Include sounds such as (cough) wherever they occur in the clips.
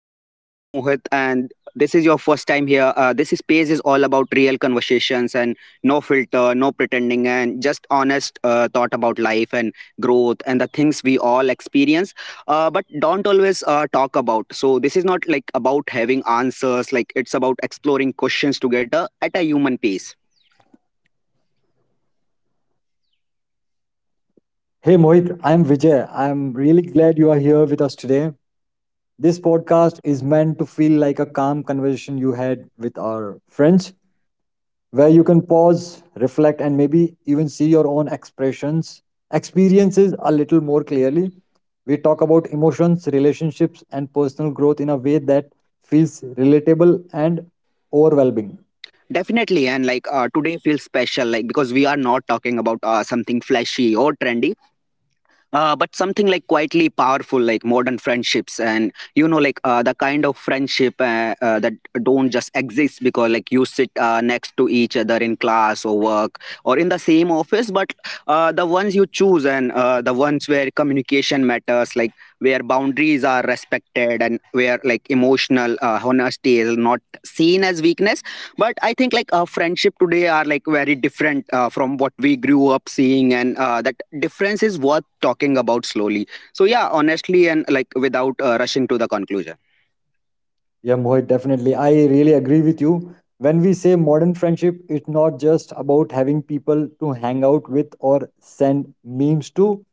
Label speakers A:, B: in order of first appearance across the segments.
A: podcast. I am Mohit, and this is your first time here. This space is all about real conversations and no filter, no pretending, and just honest thought about life and growth and the things we all experience, but don't always talk about. So this is not like about having answers. Like it's about exploring questions together at a human pace.
B: Hey Mohit, I am Vijay. I am really glad you are here with us today. This podcast is meant to feel like a calm conversation you had with our friends, where you can pause, reflect, and maybe even see your own expressions, experiences a little more clearly. We talk about emotions, relationships, and personal growth in a way that feels relatable and overwhelming.
A: Definitely, and like today feels special, like because we are not talking about something flashy or trendy but something like quietly powerful like modern friendships and you know like the kind of friendship that don't just exist because like you sit next to each other in class or work or in the same office but the ones you choose and the ones where communication matters like where boundaries are respected and where like emotional honesty is not seen as weakness but I think like friendship today are like very different from what we grew up seeing and that difference is worth talking about slowly. So yeah, honestly, and like without rushing to the conclusion.
B: Yeah, Mohit, definitely. I really agree with you. When we say modern friendship, it's not just about having people to hang out with or send memes to.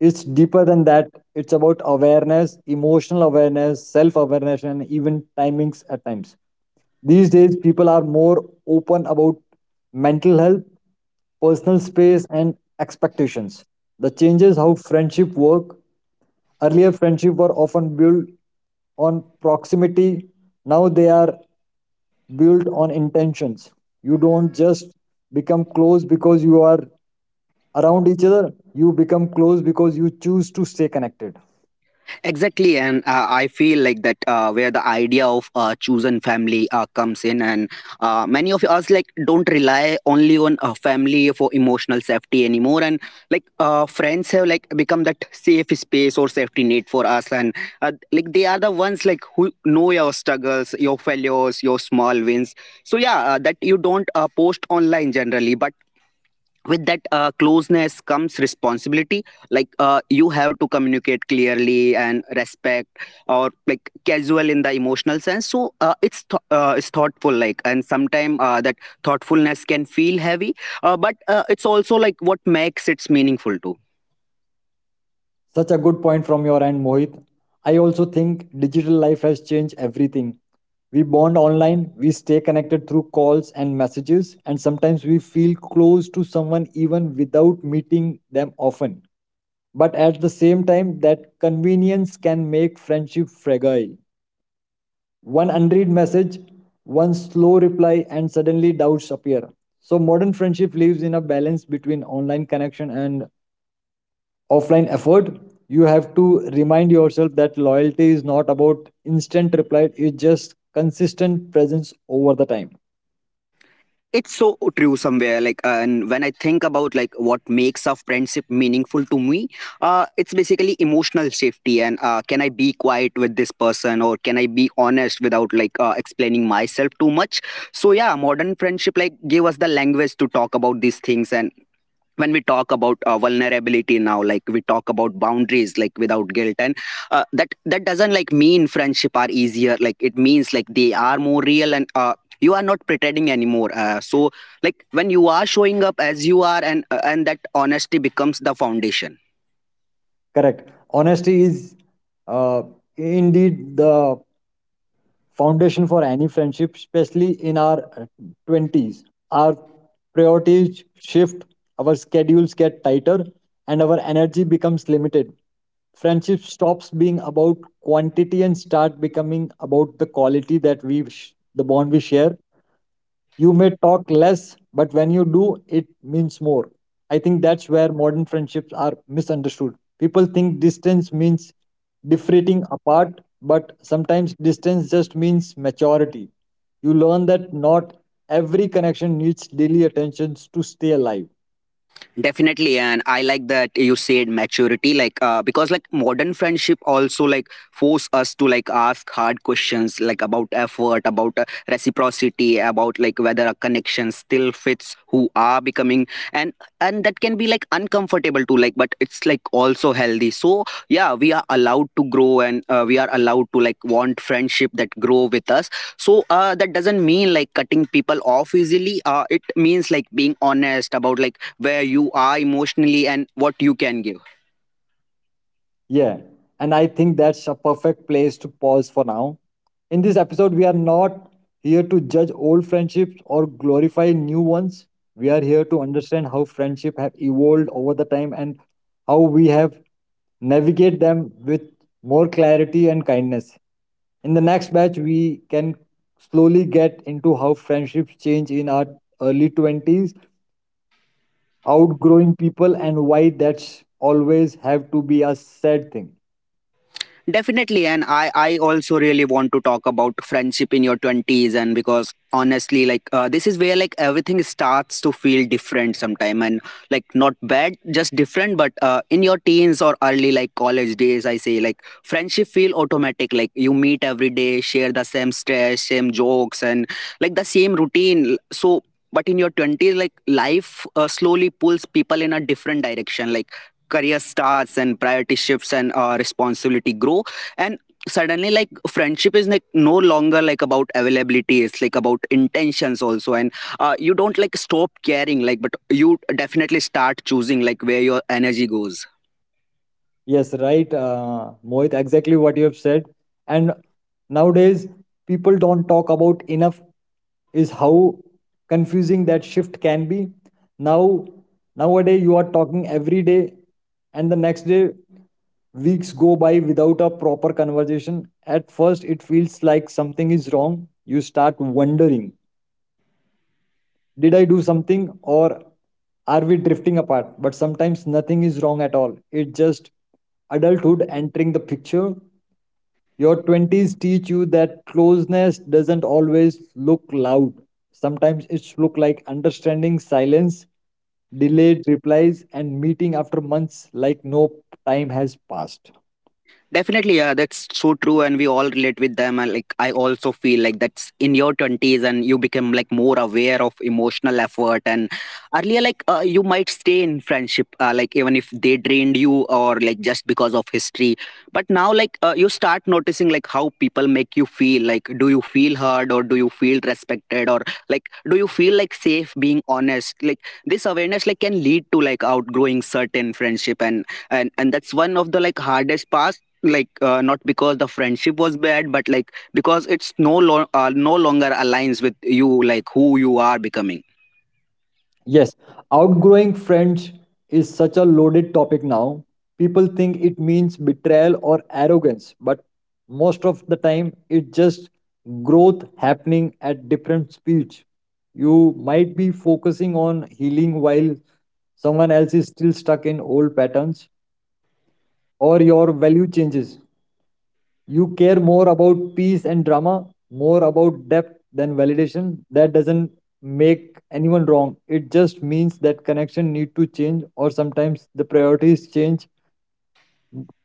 B: It's deeper than that. It's about awareness, emotional awareness, self awareness, and even timings at times. These days, people are more open about mental health, personal space, and expectations. The changes how friendship work. Earlier friendship were often built on proximity. Now they are built on intentions. You don't just become close because you are around each other. You become close because you choose to stay connected.
A: Exactly, and I feel like that where the idea of chosen family comes in, and many of us like don't rely only on family for emotional safety anymore, and like friends have like become that safe space or safety net for us, and like they are the ones like who know your struggles, your failures, your small wins. So yeah, that you don't post online generally, but with that closeness comes responsibility, like you have to communicate clearly and respect or like casual in the emotional sense. So it's thoughtful, like, and sometimes that thoughtfulness can feel heavy but it's also like what makes it's meaningful too.
B: Such a good point from your end, Mohit. I also think digital life has changed everything. We bond online, we stay connected through calls and messages, and sometimes we feel close to someone even without meeting them often. But at the same time, that convenience can make friendship fragile. One unread message, one slow reply, and suddenly doubts appear. So, modern friendship lives in a balance between online connection and offline effort. You have to remind yourself that loyalty is not about instant reply, it's just consistent presence over the time.
A: It's so true somewhere like, and when I think about like what makes a friendship meaningful to me, it's basically emotional safety, and can I be quiet with this person, or can I be honest without like explaining myself too much. So yeah, modern friendship like gave us the language to talk about these things, and when we talk about vulnerability now, like we talk about boundaries like without guilt, and that doesn't like mean friendship are easier, like it means like they are more real, and you are not pretending anymore, so like when you are showing up as you are, and that honesty becomes the foundation.
B: Correct, honesty is uh, indeed the foundation for any friendship, especially in our 20s. Our priorities shift, our schedules get tighter, and our energy becomes limited. Friendship stops being about quantity and start becoming about the quality that the bond we share. You may talk less, but when you do, it means more. I think that's where modern friendships are misunderstood. People think distance means differing apart, but sometimes distance just means maturity. You learn that not every connection needs daily attentions to stay alive.
A: Definitely, and I like that you said maturity, like because like modern friendship also like force us to like ask hard questions like about effort, about reciprocity, about like whether a connection still fits who are becoming. and and that can be like uncomfortable too, like, but it's like also healthy. So yeah, we are allowed to grow, and we are allowed to like want friendship that grow with us. So that doesn't mean like cutting people off easily, it means like being honest about like where you are emotionally and what you can give.
B: Yeah, and I think that's a perfect place to pause for now. In this episode, we are not here to judge old friendships or glorify new ones. We are here to understand how friendship have evolved over the time and how we have navigate them with more clarity and kindness. In the next batch, we can slowly get into how friendships change in our early 20s, outgrowing people, and why that's always have to be a sad thing.
A: Definitely, and I also really want to talk about friendship in your 20s, and because honestly like this is where like everything starts to feel different sometime, and like not bad, just different, but in your teens or early like college days, I say like friendship feel automatic, like you meet every day, share the same stress, same jokes, and like the same routine. So but in your 20s, like life slowly pulls people in a different direction. Like career starts, and priority shifts, and responsibility grow, and suddenly like friendship is like no longer like about availability, it's like about intentions also. And you don't like stop caring, like, but you definitely start choosing like where your energy goes.
B: Yes, right, Mohit, exactly what you have said. And nowadays, people don't talk about enough is how confusing that shift can be. Now, nowadays, you are talking every day, and the next day, weeks go by without a proper conversation. At first, it feels like something is wrong. You start wondering, did I do something or are we drifting apart? But sometimes nothing is wrong at all. It's just adulthood entering the picture. Your 20s teach you that closeness doesn't always look loud. Sometimes it's look like understanding silence, delayed replies, and meeting after months like no time has passed.
A: Definitely, yeah, that's so true, and we all relate with them. And like, I also feel like that's in your twenties, and you become like more aware of emotional effort. And earlier, like, you might stay in friendship, like even if they drained you, or like just because of history. But now, like, you start noticing like how people make you feel. Like, do you feel heard, or do you feel respected, or like do you feel like safe being honest? Like this awareness like can lead to like outgrowing certain friendship, and and that's one of the like hardest parts, like not because the friendship was bad, but like because it's no longer aligns with you, like who you are becoming.
B: Yes, outgrowing friends is such a loaded topic now. People think it means betrayal or arrogance, but most of the time it's just growth happening at different speeds. You might be focusing on healing while someone else is still stuck in old patterns, or your value changes. You care more about peace and drama, more about depth than validation. That doesn't make anyone wrong. It just means that connection need to change or sometimes the priorities change.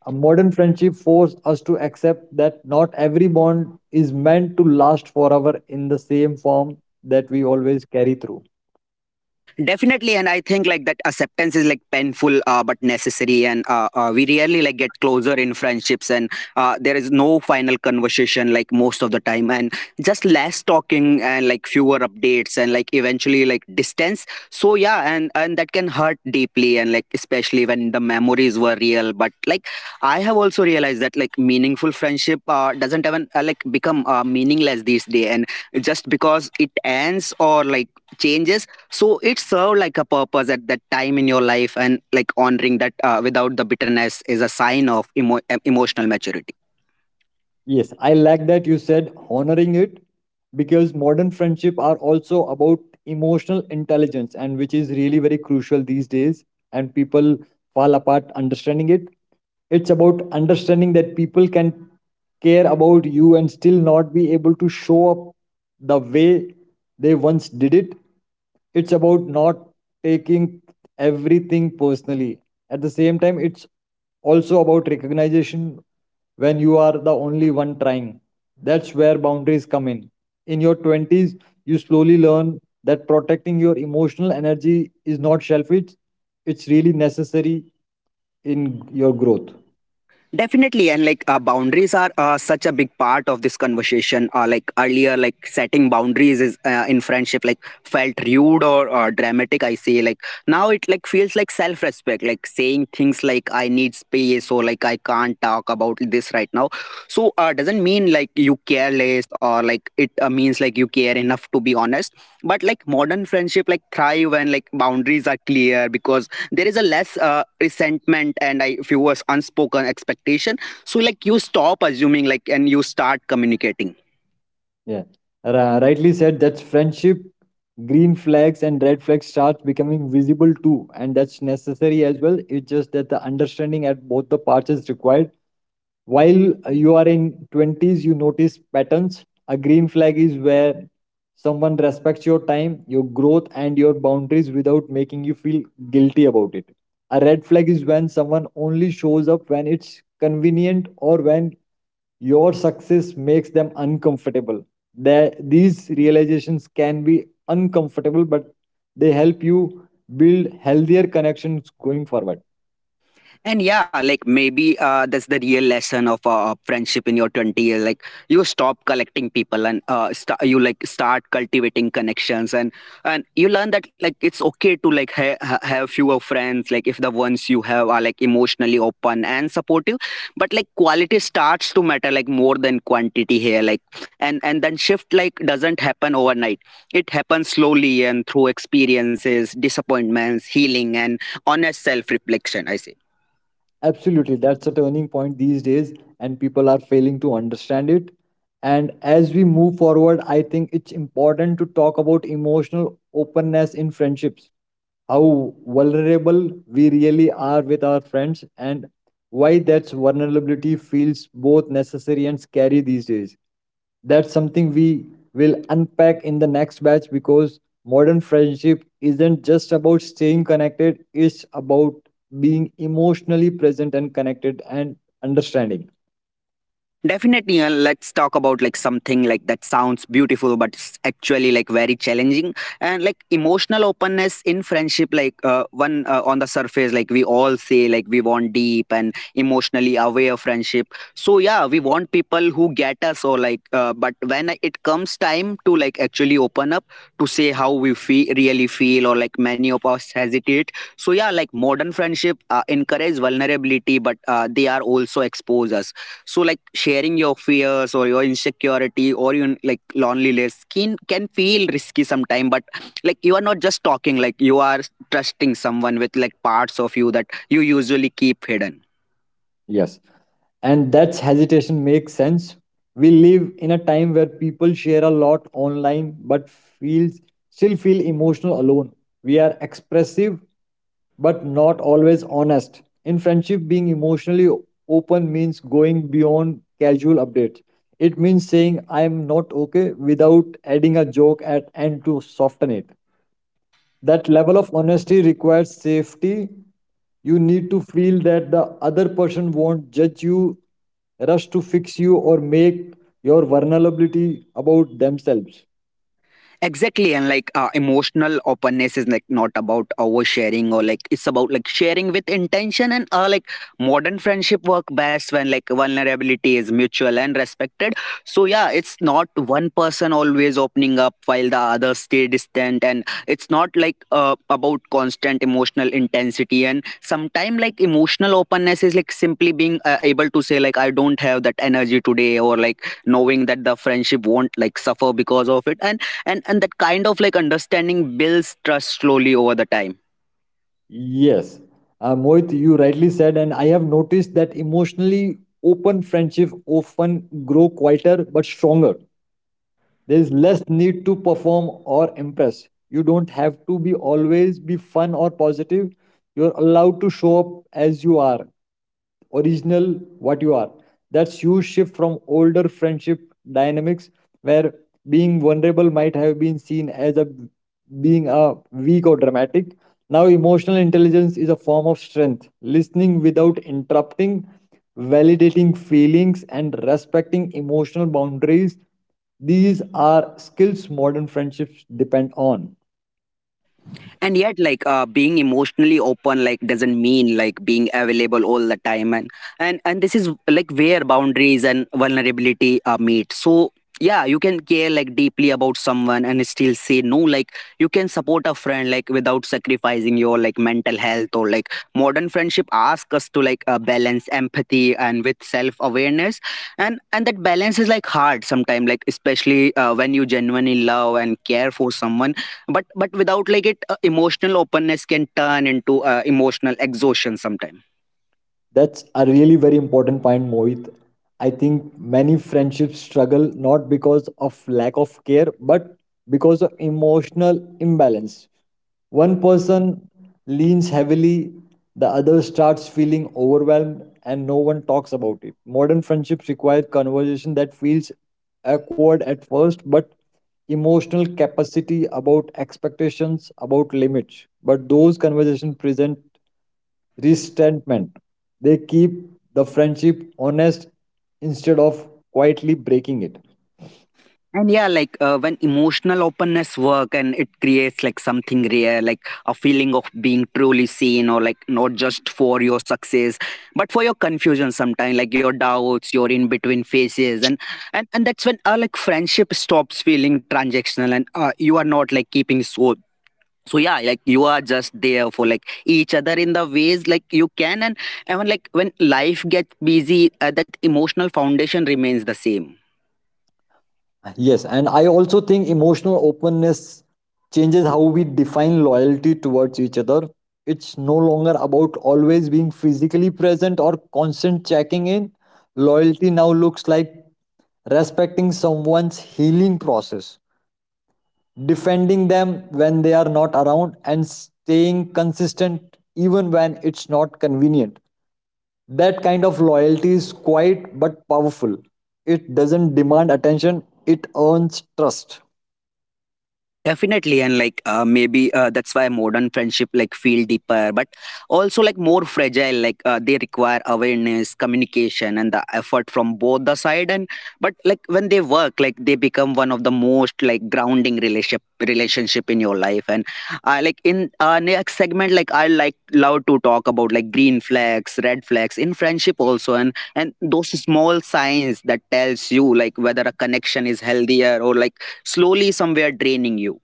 B: A modern friendship forced us to accept that not every bond is meant to last forever in the same form that we always carry through.
A: Definitely, and I think like that acceptance is like painful, but necessary, and we really like get closer in friendships, and there is no final conversation like most of the time, and just less talking, and like fewer updates, and like eventually like distance. So yeah, and that can hurt deeply, and like especially when the memories were real. But like I have also realized that like meaningful friendship doesn't even like become meaningless these days, and just because it ends or like changes. So it served like a purpose at that time in your life, and like honoring that without the bitterness is a sign of emotional maturity.
B: Yes, I like that you said honoring it, because modern friendship are also about emotional intelligence, and which is really very crucial these days, and people fall apart understanding it. It's about understanding that people can care about you and still not be able to show up the way they once did it. It's about not taking everything personally. At the same time, it's also about recognition when you are the only one trying. That's where boundaries come in. In your 20s, you slowly learn that protecting your emotional energy is not selfish, it's really necessary in your growth.
A: Definitely, and like boundaries are such a big part of this conversation. Like earlier, like setting boundaries is in friendship like felt rude, or dramatic, I say. Like now it like feels like self respect, like saying things like I need space, or like I can't talk about this right now. So doesn't mean like you care less, or like it means like you care enough to be honest. But like modern friendship like thrive when like boundaries are clear, because there is a less resentment, and I, if unspoken expectation. So like you stop assuming like, and you start communicating.
B: Yeah, rightly said. That's friendship. Green flags and red flags start becoming visible too, and that's necessary as well. It's just that the understanding at both the parts is required. While you are in twenties, you notice patterns. A green flag is where someone respects your time, your growth, and your boundaries without making you feel guilty about it. A red flag is when someone only shows up when it's convenient or when your success makes them uncomfortable. That these realizations can be uncomfortable, but they help you build healthier connections going forward.
A: And yeah, like maybe that's the real lesson of friendship in your 20 years. Like you stop collecting people, and you like start cultivating connections, and you learn that like it's okay to like have fewer friends. Like if the ones you have are like emotionally open and supportive, but like quality starts to matter like more than quantity here. Like and then shift like doesn't happen overnight. It happens slowly, and through experiences, disappointments, healing, and honest self reflection, I say.
B: Absolutely, that's a turning point these days, and people are failing to understand it. And as we move forward, I think it's important to talk about emotional openness in friendships, how vulnerable we really are with our friends, and why that vulnerability feels both necessary and scary these days. That's something we will unpack in the next batch, because modern friendship isn't just about staying connected, it's about being emotionally present and connected and understanding.
A: Definitely, let's talk about like something like that sounds beautiful, but it's actually like very challenging. And like emotional openness in friendship. Like one on the surface, like we all say, like we want deep and emotionally aware friendship. So yeah, we want people who get us, or like. But when it comes time to like actually open up, to say how we feel, really feel, or like many of us hesitate. So yeah, like modern friendship encourage vulnerability, but they are also expose us. So like sharing your fears, or your insecurity, or even like loneliness can feel risky sometimes. But like you are not just talking, like you are trusting someone with like parts of you that you usually keep hidden.
B: Yes. And that's hesitation makes sense. We live in a time where people share a lot online but feels still feel emotional alone. We are expressive but not always honest. In friendship, being emotionally open means going beyond casual updates. It means saying I am not okay without adding a joke at end to soften it. That level of honesty requires safety. You need to feel that the other person won't judge you, rush to fix you, or make your vulnerability about themselves.
A: Exactly, and like emotional openness is like not about oversharing, or like it's about like sharing with intention, and like modern friendship work best when like vulnerability is mutual and respected. So yeah, it's not one person always opening up while the other stay distant, and it's not like about constant emotional intensity. And sometimes like emotional openness is like simply being able to say like I don't have that energy today, or like knowing that the friendship won't like suffer because of it. And and that kind of like understanding builds trust slowly over the time.
B: Yes, Mohit, you rightly said, and I have noticed that emotionally open friendship often grow quieter but stronger. There is less need to perform or impress. You don't have to be always be fun or positive. You're allowed to show up as you are, original what you are. That's huge shift from older friendship dynamics where being vulnerable might have been seen as a being a weak or dramatic. Now emotional intelligence is a form of strength. Listening without interrupting, validating feelings, and respecting emotional boundaries. These are skills modern friendships depend on.
A: And yet like being emotionally open like doesn't mean like being available all the time. And and, this is like where boundaries and vulnerability meet. So yeah, you can care like deeply about someone and still say no. Like you can support a friend like without sacrificing your like mental health, or like modern friendship asks us to like balance empathy and with self awareness. And that balance is like hard sometimes, like especially when you genuinely love and care for someone. But without like it emotional openness can turn into emotional exhaustion sometime.
B: That's a really very important point, Mohit. I think many friendships struggle not because of lack of care, but because of emotional imbalance. One person leans heavily, the other starts feeling overwhelmed, and no one talks about it. Modern friendships require conversation that feels awkward at first, but emotional capacity about expectations, about limits. But those conversations present resentment. They keep the friendship honest instead of quietly breaking it.
A: And yeah, like when emotional openness work, and it creates like something rare, like a feeling of being truly seen, or like not just for your success, but for your confusion sometime, like your doubts, your in between phases. And and that's when like friendship stops feeling transactional and you are not like keeping so yeah, like you are just there for like each other in the ways like you can. And even like when life gets busy, that emotional foundation remains the same.
B: Yes, and I also think emotional openness changes how we define loyalty towards each other. It's no longer about always being physically present or constant checking in. Loyalty now looks like respecting someone's healing process, defending them when they are not around, and staying consistent even when it's not convenient. That kind of loyalty is quiet but powerful. It doesn't demand attention, it earns trust.
A: Definitely, and like maybe that's why modern friendship like feel deeper, but also like more fragile. Like they require awareness, communication, and the effort from both the side. And but like when they work, like they become one of the most like grounding relationship in your life. And like in next segment, like I like love to talk about like green flags, red flags in friendship also, and those small signs that tells you like whether a connection is healthier or like slowly somewhere draining you.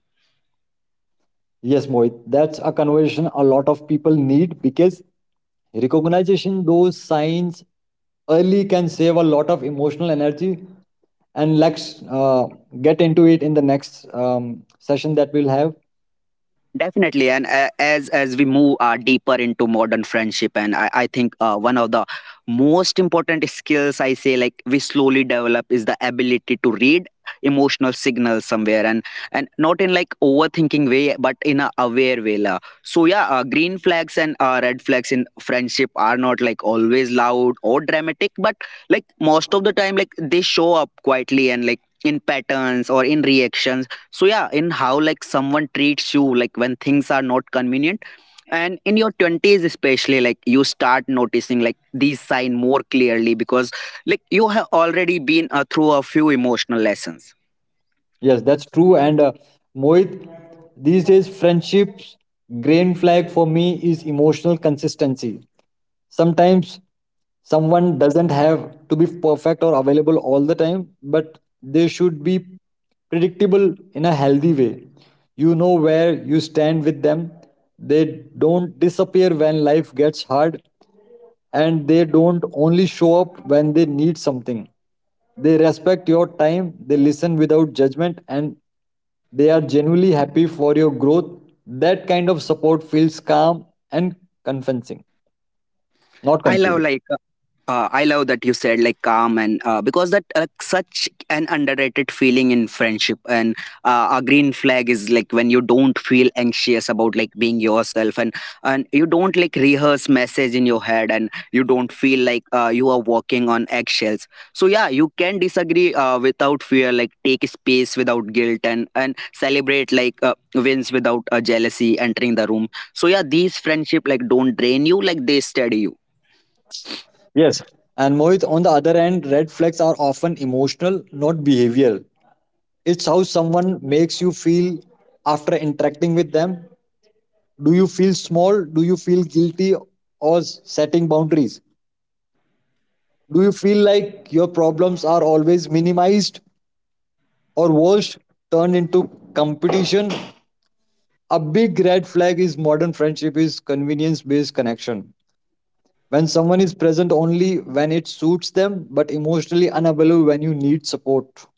B: Yes, Mohit, that's a conversation a lot of people need because recognition those signs early can save a lot of emotional energy, and let's get into it in the next session that we'll have.
A: Definitely, and as we move deeper into modern friendship, and I think one of the most important skills I say like we slowly develop is the ability to read emotional signals somewhere. And not in like overthinking way, but in a aware way la. So yeah, green flags and red flags in friendship are not like always loud or dramatic, but like most of the time like they show up quietly and like in patterns or in reactions. So yeah, in how like someone treats you like when things are not convenient. And in your 20s especially, like you start noticing like these sign more clearly, because like you have already been through a few emotional lessons.
B: Yes, that's true. And Mohit, these days, friendship's green flag for me is emotional consistency. Sometimes someone doesn't have to be perfect or available all the time, but they should be predictable in a healthy way. You know where you stand with them, they don't disappear when life gets hard, and they don't only show up when they need something. They respect your time, they listen without judgment, and they are genuinely happy for your growth. That kind of support feels calm and convincing, not
A: i love
B: confusing.
A: like I love that you said like calm, and because that such an underrated feeling in friendship. And a green flag is like when you don't feel anxious about like being yourself, and you don't like rehearse message in your head, and you don't feel like you are walking on eggshells. So yeah, you can disagree without fear, like take space without guilt, and celebrate like wins without jealousy entering the room. So yeah, these friendship like don't drain you, like they steady you.
B: Yes. And Mohit, on the other hand, red flags are often emotional, not behavioral. It's how someone makes you feel after interacting with them. Do you feel small? Do you feel guilty or setting boundaries? Do you feel like your problems are always minimized or worse, turned into competition? A big red flag is modern friendship is convenience based connection. When someone is present only when it suits them, but emotionally unavailable when you need support.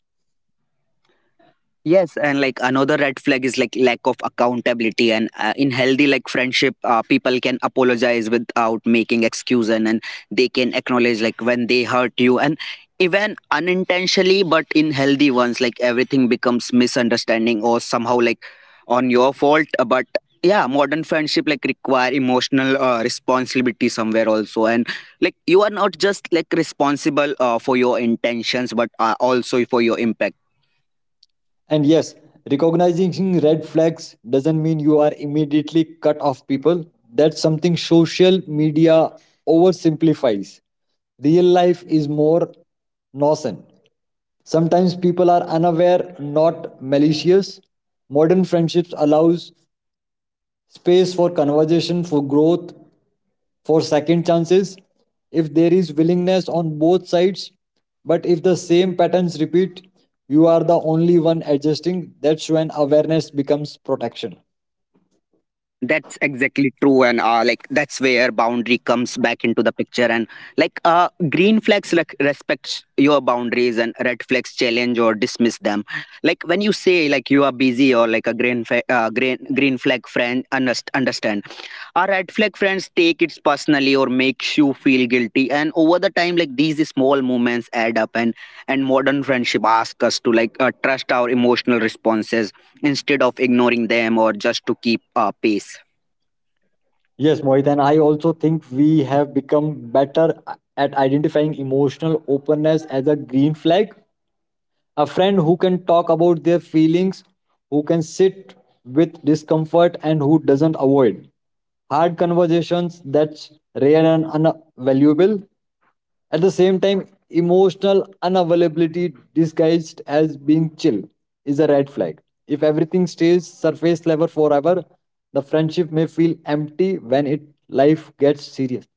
A: Yes, and like another red flag is like lack of accountability. And in healthy like friendship, people can apologize without making excuse, and they can acknowledge like when they hurt you, and even unintentionally. But in healthy ones, like everything becomes misunderstanding or somehow like on your fault. But yeah, modern friendship like require emotional responsibility somewhere also, and like you are not just like responsible for your intentions, but also for your impact.
B: And yes, recognizing red flags doesn't mean you are immediately cut off people. That's something social media oversimplifies. Real life is more nuanced. Sometimes people are unaware, not malicious. Modern friendships allows space for conversation, for growth, for second chances if there is willingness on both sides. But if the same patterns repeat, you are the only one adjusting. That's when awareness becomes protection.
A: That's exactly true, and like that's where boundary comes back into the picture. And like green flags like respect your boundaries, and red flags challenge or dismiss them. Like when you say like you are busy, or like a green fa- green green flag friend understand our red flag friends take it personally or makes you feel guilty. And over the time, like these small moments add up, and modern friendship asks us to like trust our emotional responses, instead of ignoring them or just to keep pace.
B: Yes, Mohit, and I also think we have become better at identifying emotional openness as a green flag. A friend who can talk about their feelings, who can sit with discomfort, and who doesn't avoid hard conversations, that's rare and unvaluable. At the same time, emotional unavailability disguised as being chill is a red flag. If everything stays surface level forever, the friendship may feel empty when it life gets serious.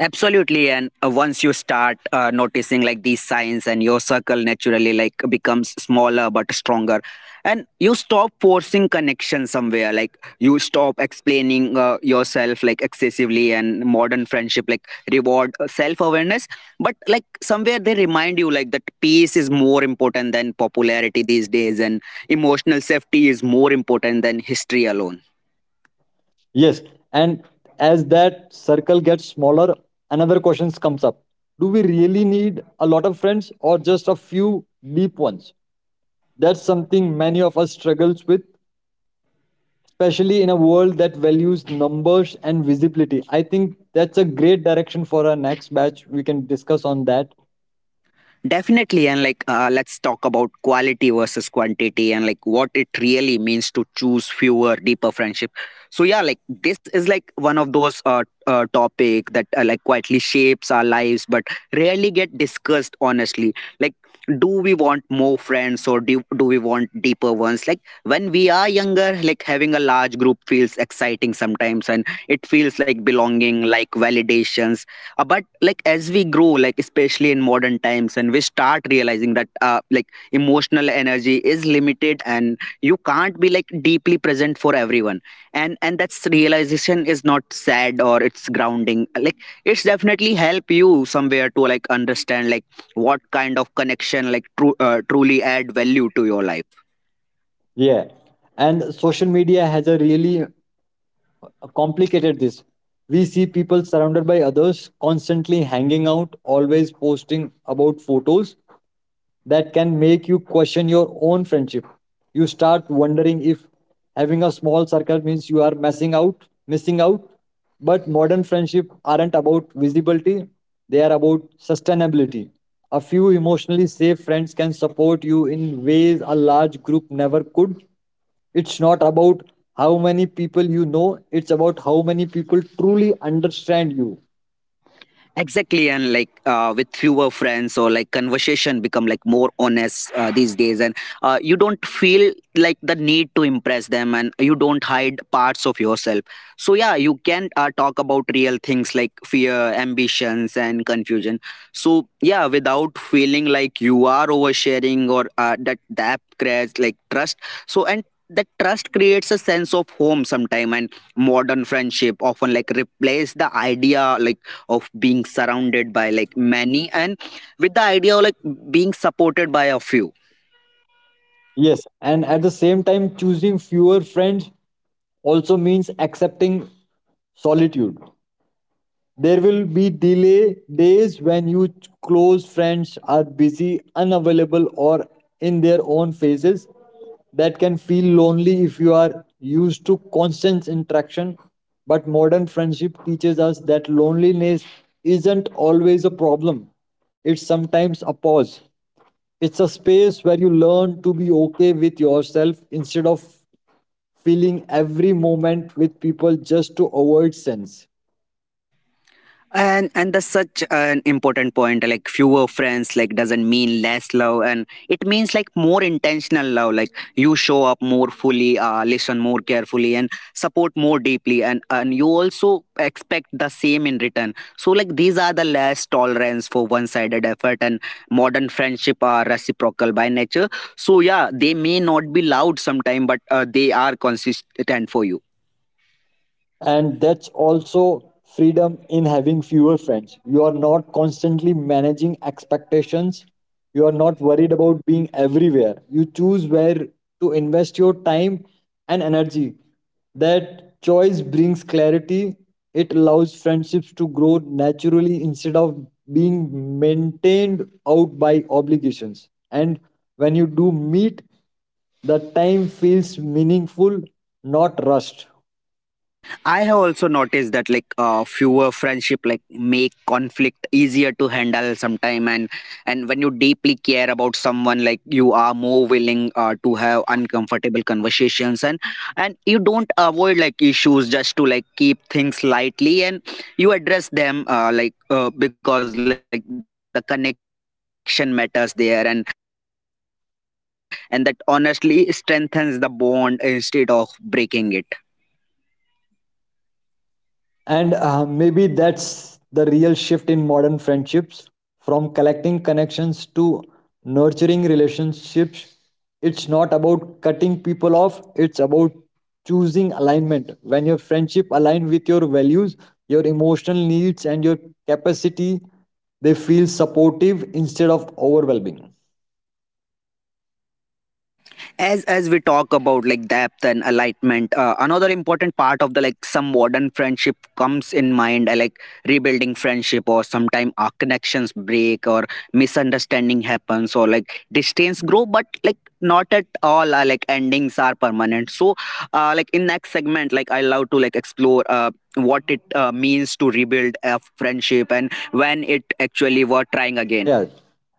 A: Absolutely, and once you start noticing like these signs, and your circle naturally like becomes smaller but stronger. And you stop forcing connection somewhere, like you stop explaining yourself like excessively. And modern friendship like reward self awareness, but like somewhere they remind you like that peace is more important than popularity these days, and emotional safety is more important than history alone.
B: Yes, and as that circle gets smaller, another question comes up. Do we really need a lot of friends or just a few deep ones? That's something many of us struggles with, especially in a world that values numbers and visibility. I think that's a great direction for our next batch. We can discuss on that.
A: Definitely, and like let's talk about quality versus quantity, and like what it really means to choose fewer, deeper friendship. So yeah, like this is like one of those topic that like quietly shapes our lives, but rarely get discussed honestly. Like, do we want more friends, or do we want deeper ones? Like when we are younger, like having a large group feels exciting sometimes, and it feels like belonging, like validations. But like as we grow, like especially in modern times, and we start realizing that like emotional energy is limited, and you can't be like deeply present for everyone. And that's realization is not sad, or it's grounding. Like it's definitely help you somewhere to like understand like what kind of connection like truly add value to your life.
B: Yeah. And social media has a really complicated this. We see people surrounded by others, constantly hanging out, always posting about photos that can make you question your own friendship. You start wondering if having a small circle means you are messing out, missing out. But modern friendship aren't about visibility, they are about sustainability. A few emotionally safe friends can support you in ways a large group never could. It's not about how many people you know, it's about how many people truly understand you.
A: Exactly, and like with fewer friends, or like conversation become like more honest these days. And you don't feel like the need to impress them, and you don't hide parts of yourself. So yeah, you can talk about real things like fear, ambitions, and confusion. So yeah, without feeling like you are oversharing, or that creates like trust. So, and that trust creates a sense of home sometime, and modern friendship often like replace the idea like of being surrounded by like many, and with the idea of like being supported by a few.
B: Yes, and at the same time, choosing fewer friends also means accepting solitude. There will be delay days when close friends are busy, unavailable, or in their own phases. That can feel lonely if you are used to constant interaction. But modern friendship teaches us that loneliness isn't always a problem, it's sometimes a pause. It's a space where you learn to be okay with yourself instead of filling every moment with people just to avoid sense.
A: And that's such an important point. Like fewer friends like doesn't mean less love, and it means like more intentional love, like you show up more fully, listen more carefully, and support more deeply. And you also expect the same in return. So like these are the less tolerance for one sided effort, and modern friendship are reciprocal by nature. So yeah, they may not be loud sometime, but they are consistent for you.
B: And that's also freedom in having fewer friends. You are not constantly managing expectations, you are not worried about being everywhere. You choose where to invest your time and energy. That choice brings clarity. It allows friendships to grow naturally instead of being maintained out by obligations, and when you do meet, the time feels meaningful, not rushed.
A: I have also noticed that like fewer friendship like make conflict easier to handle sometime, and when you deeply care about someone, like you are more willing to have uncomfortable conversations, and you don't avoid like issues just to like keep things lightly. And you address them like because like the connection matters there, and that honestly strengthens the bond instead of breaking it.
B: And maybe that's the real shift in modern friendships, from collecting connections to nurturing relationships. It's not about cutting people off, it's about choosing alignment. When your friendship align with your values, your emotional needs and your capacity, they feel supportive instead of overwhelming.
A: As we talk about like depth and alignment, another important part of the like some modern friendship comes in mind, like rebuilding friendship. Or sometime our connections break, or misunderstanding happens, or like distance grow. But like not at all like endings are permanent. So like in next segment, like I love to like explore what it means to rebuild a friendship, and when it actually worth trying again.
B: Yeah,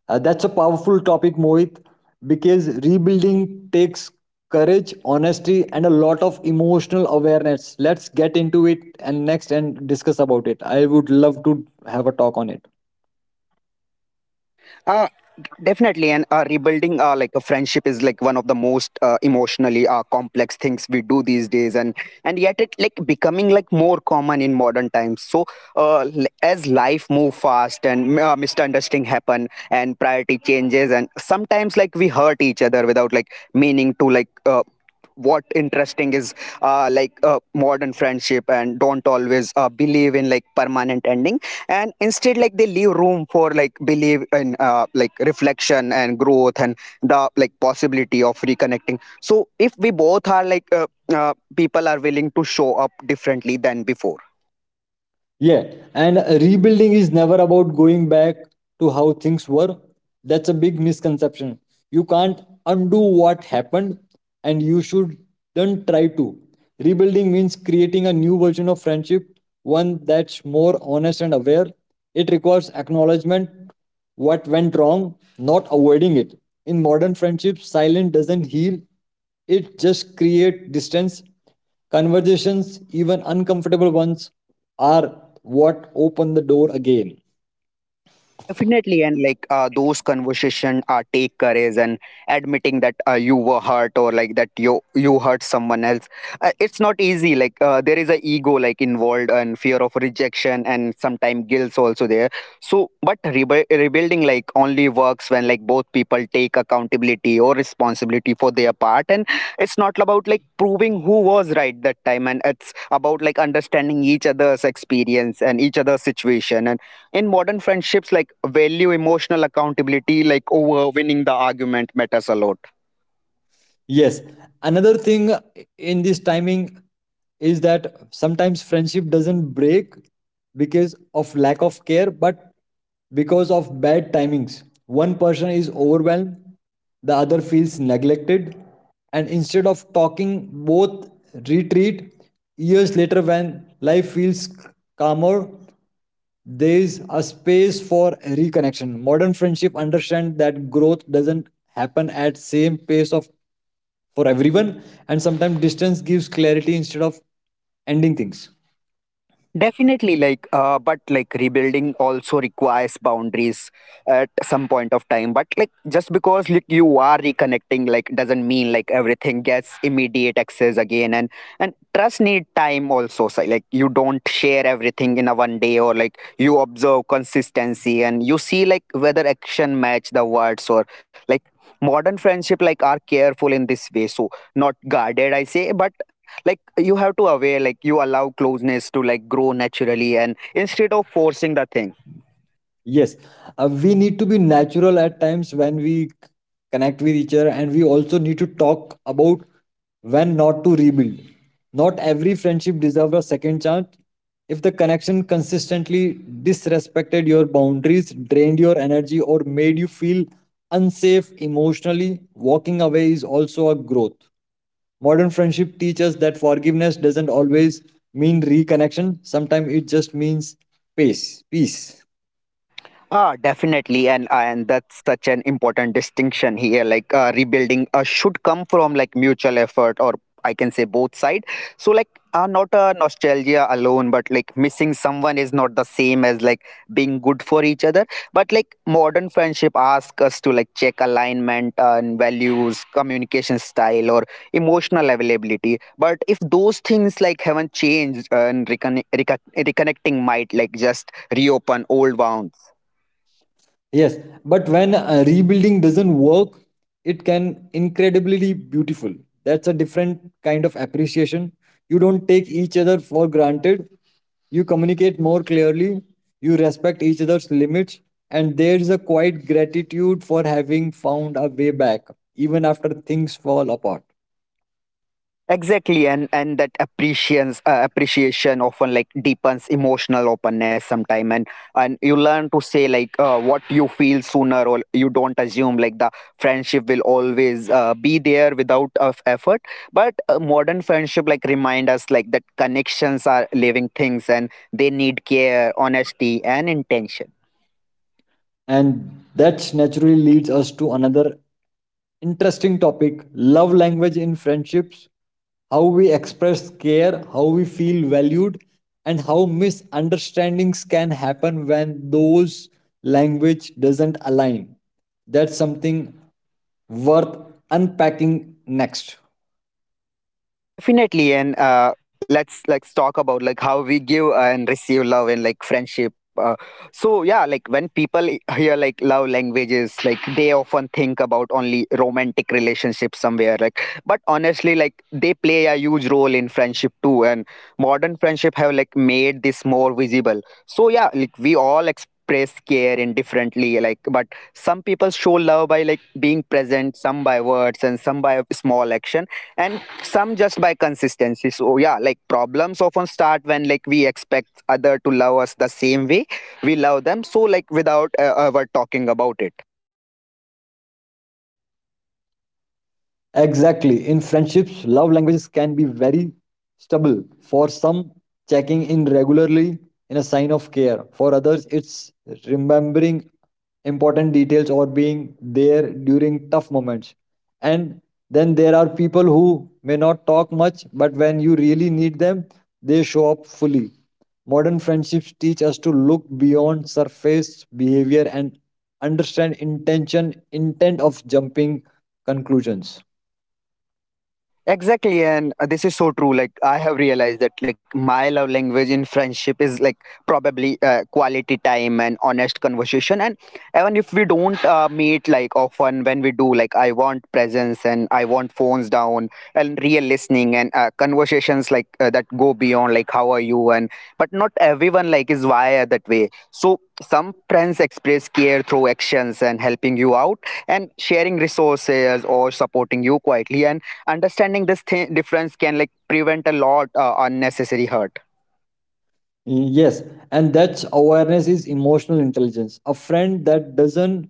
B: that's a powerful topic, Mohit, because rebuilding takes courage, honesty, and a lot of emotional awareness. Let's get into it and next and discuss about it. I would love to have a talk on it.
A: Uh, definitely, and rebuilding like a friendship is like one of the most emotionally complex things we do these days, and yet it like becoming like more common in modern times. So as life move fast, and misunderstanding happen, and priority changes, and sometimes like we hurt each other without like meaning to like. What interesting is like modern friendship and don't always believe in like permanent ending. And instead, like they leave room for like believe in like reflection and growth, and the like possibility of reconnecting. So if we both are like people are willing to show up differently than before.
B: Yeah, and rebuilding is never about going back to how things were. That's a big misconception. You can't undo what happened, and you should not try to. Rebuilding means creating a new version of friendship, one that's more honest and aware. It requires acknowledgement what went wrong, not avoiding it. In modern friendships, silence doesn't heal, it just creates distance. Conversations, even uncomfortable ones, are what open the door again.
A: Definitely, and like those conversation take courage. And admitting that you were hurt, or like that you hurt someone else. It's not easy. Like there is a ego like involved, and fear of rejection, and sometimes guilt also there. So, but rebuilding like only works when like both people take accountability or responsibility for their part. And it's not about like proving who was right that time, and it's about like understanding each other's experience and each other's situation. And in modern friendships like value emotional accountability like over winning the argument matters a lot.
B: Yes. Another thing in this timing is that sometimes friendship doesn't break because of lack of care, but because of bad timings. One person is overwhelmed, the other feels neglected, and instead of talking, both retreat. Years later, when life feels calmer, there is a space for reconnection. Modern friendship understand that growth doesn't happen at same pace of for everyone, and sometimes distance gives clarity instead of ending things.
A: Definitely, like, but like rebuilding also requires boundaries at some point of time. But like, just because like you are reconnecting, like, doesn't mean like everything gets immediate access again. And trust need time also. So, like, you don't share everything in a one day, or like you observe consistency, and you see like whether action match the words. Or like modern friendship like are careful in this way. So, not guarded I say, but like you have to aware, like you allow closeness to like grow naturally, and instead of forcing the thing.
B: Yes, we need to be natural at times when connect with each other, and we also need to talk about when not to rebuild. Not every friendship deserves a second chance. If the connection consistently disrespected your boundaries, drained your energy or made you feel unsafe emotionally, walking away is also a growth. Modern friendship teaches that forgiveness doesn't always mean reconnection. Sometimes it just means peace. Peace.
A: Ah, definitely, and that's such an important distinction here. Like rebuilding should come from like mutual effort, or I can say both side. So like not a nostalgia alone, but like missing someone is not the same as like being good for each other. But like modern friendship asks us to like check alignment, and values, communication style, or emotional availability. But if those things like haven't changed, and reconnecting might like just reopen old wounds.
B: Yes, but when rebuilding doesn't work, it can incredibly beautiful. That's a different kind of appreciation. You don't take each other for granted. You communicate more clearly. You respect each other's limits, and there is a quiet gratitude for having found a way back, even after things fall apart.
A: Exactly, and that appreciation often like deepens emotional openness sometime, and you learn to say like what you feel sooner, or you don't assume like the friendship will always be there without of effort. But modern friendship like remind us like that connections are living things and they need care, honesty, and intention.
B: And that naturally leads us to another interesting topic, love language in friendships, how we express care, how we feel valued, and how misunderstandings can happen when those language doesn't align. That's something worth unpacking next.
A: Definitely, and let's talk about like how we give and receive love and like friendship. So yeah, like when people hear like love languages, like they often think about only romantic relationships somewhere like, but honestly like they play a huge role in friendship too. And modern friendship have like made this more visible. So yeah, like we all express care indifferently like, but some people show love by like being present, some by words, and some by small action, and some just by consistency. So yeah, like problems often start when like we expect other to love us the same way we love them. So like without ever talking about it.
B: Exactly. In friendships, love languages can be very stubble. For some, checking in regularly in a sign of care. For others, it's remembering important details or being there during tough moments. And then there are people who may not talk much, but when you really need them, they show up fully. Modern friendships teach us to look beyond surface behavior and understand intention intent of jumping conclusions.
A: Exactly, and this is so true. Like I have realized that like my love language in friendship is like probably quality time and honest conversation. And even if we don't meet like often, when we do, like I want presence and I want phones down and real listening, and conversations like that go beyond like how are you, and but not everyone like is wired that way. So some friends express care through actions and helping you out and sharing resources or supporting you quietly, and understanding this difference can like prevent a lot unnecessary hurt.
B: Yes, and that's awareness is emotional intelligence. A friend that doesn't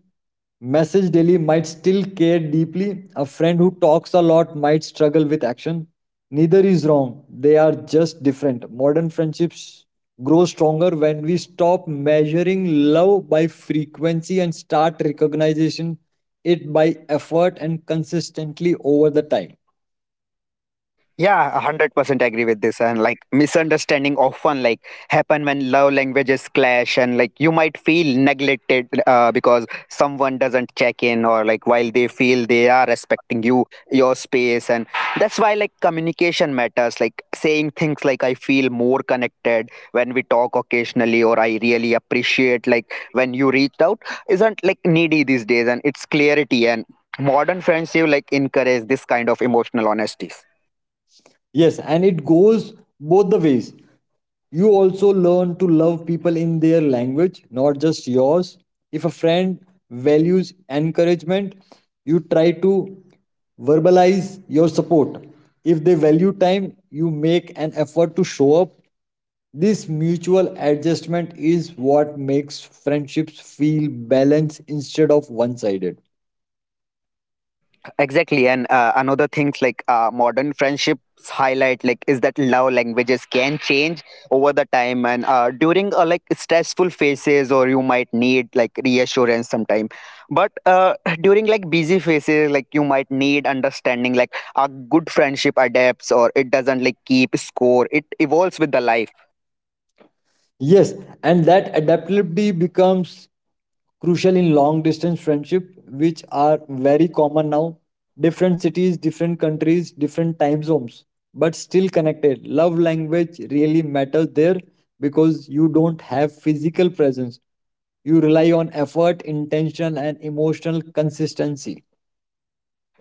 B: message daily might still care deeply. A friend who talks a lot might struggle with action. Neither is wrong, they are just different. Modern friendships grow stronger when we stop measuring love by frequency and start recognizing it by effort and consistently over the time.
A: Yeah, 100% agree with this. And like misunderstanding often like happen when love languages clash, and like you might feel neglected because someone doesn't check in, or like while they feel they are respecting you, your space. And that's why like communication matters, like saying things like I feel more connected when we talk occasionally, or I really appreciate like when you reached out isn't like needy these days, and it's clarity. And modern friendship like encourage this kind of emotional honesty.
B: Yes, and it goes both the ways. You also learn to love people in their language, not just yours. If a friend values encouragement, you try to verbalize your support. If they value time, you make an effort to show up. This mutual adjustment is what makes friendships feel balanced instead of one sided.
A: Exactly, and another things like modern friendships highlight like is that love languages can change over the time, and during like stressful phases, or you might need like reassurance sometime. But (laughs) during like busy phases, like you might need understanding. Like a good friendship adapts, or it doesn't like keep score. It evolves with the life.
B: Yes, and that adaptability becomes crucial in long distance friendship, which are very common now. Different cities, different countries, different time zones, but still connected. Love language really matters there because you don't have physical presence. You rely on effort, intention, and emotional consistency.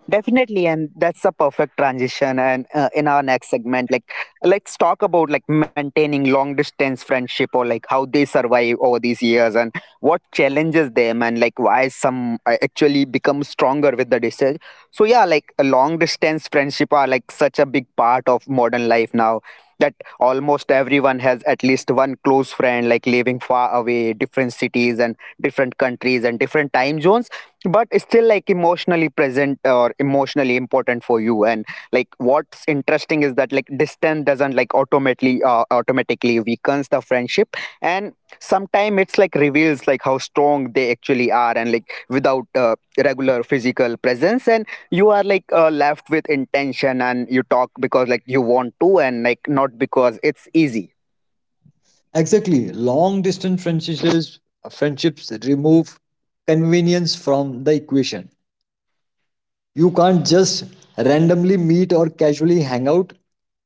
A: Definitely, and that's a perfect transition. And in our next segment, like let's talk about like maintaining long distance friendship, or like how they survive over these years and what challenges them, and like why some actually become stronger with the distance. So yeah, like a long distance friendship are like such a big part of modern life now, that almost everyone has at least one close friend like living far away, different cities and different countries and different time zones, but still like emotionally present or emotionally important for you. And like what's interesting is that like distance doesn't like automatically weakens the friendship, and sometimes it's like reveals like how strong they actually are. And like without regular physical presence, and you are like left with intention, and you talk because like you want to, and like not because it's easy.
B: Exactly. Long distance friendships remove convenience from the equation. You can't just randomly meet or casually hang out.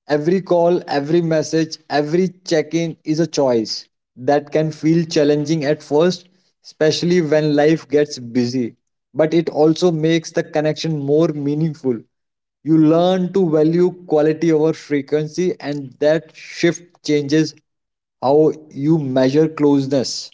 B: Every call, every message, every check in is a choice that can feel challenging at first, especially when life gets busy. But it also makes the connection more meaningful. You learn to value quality over frequency, and that shift changes how you measure closeness.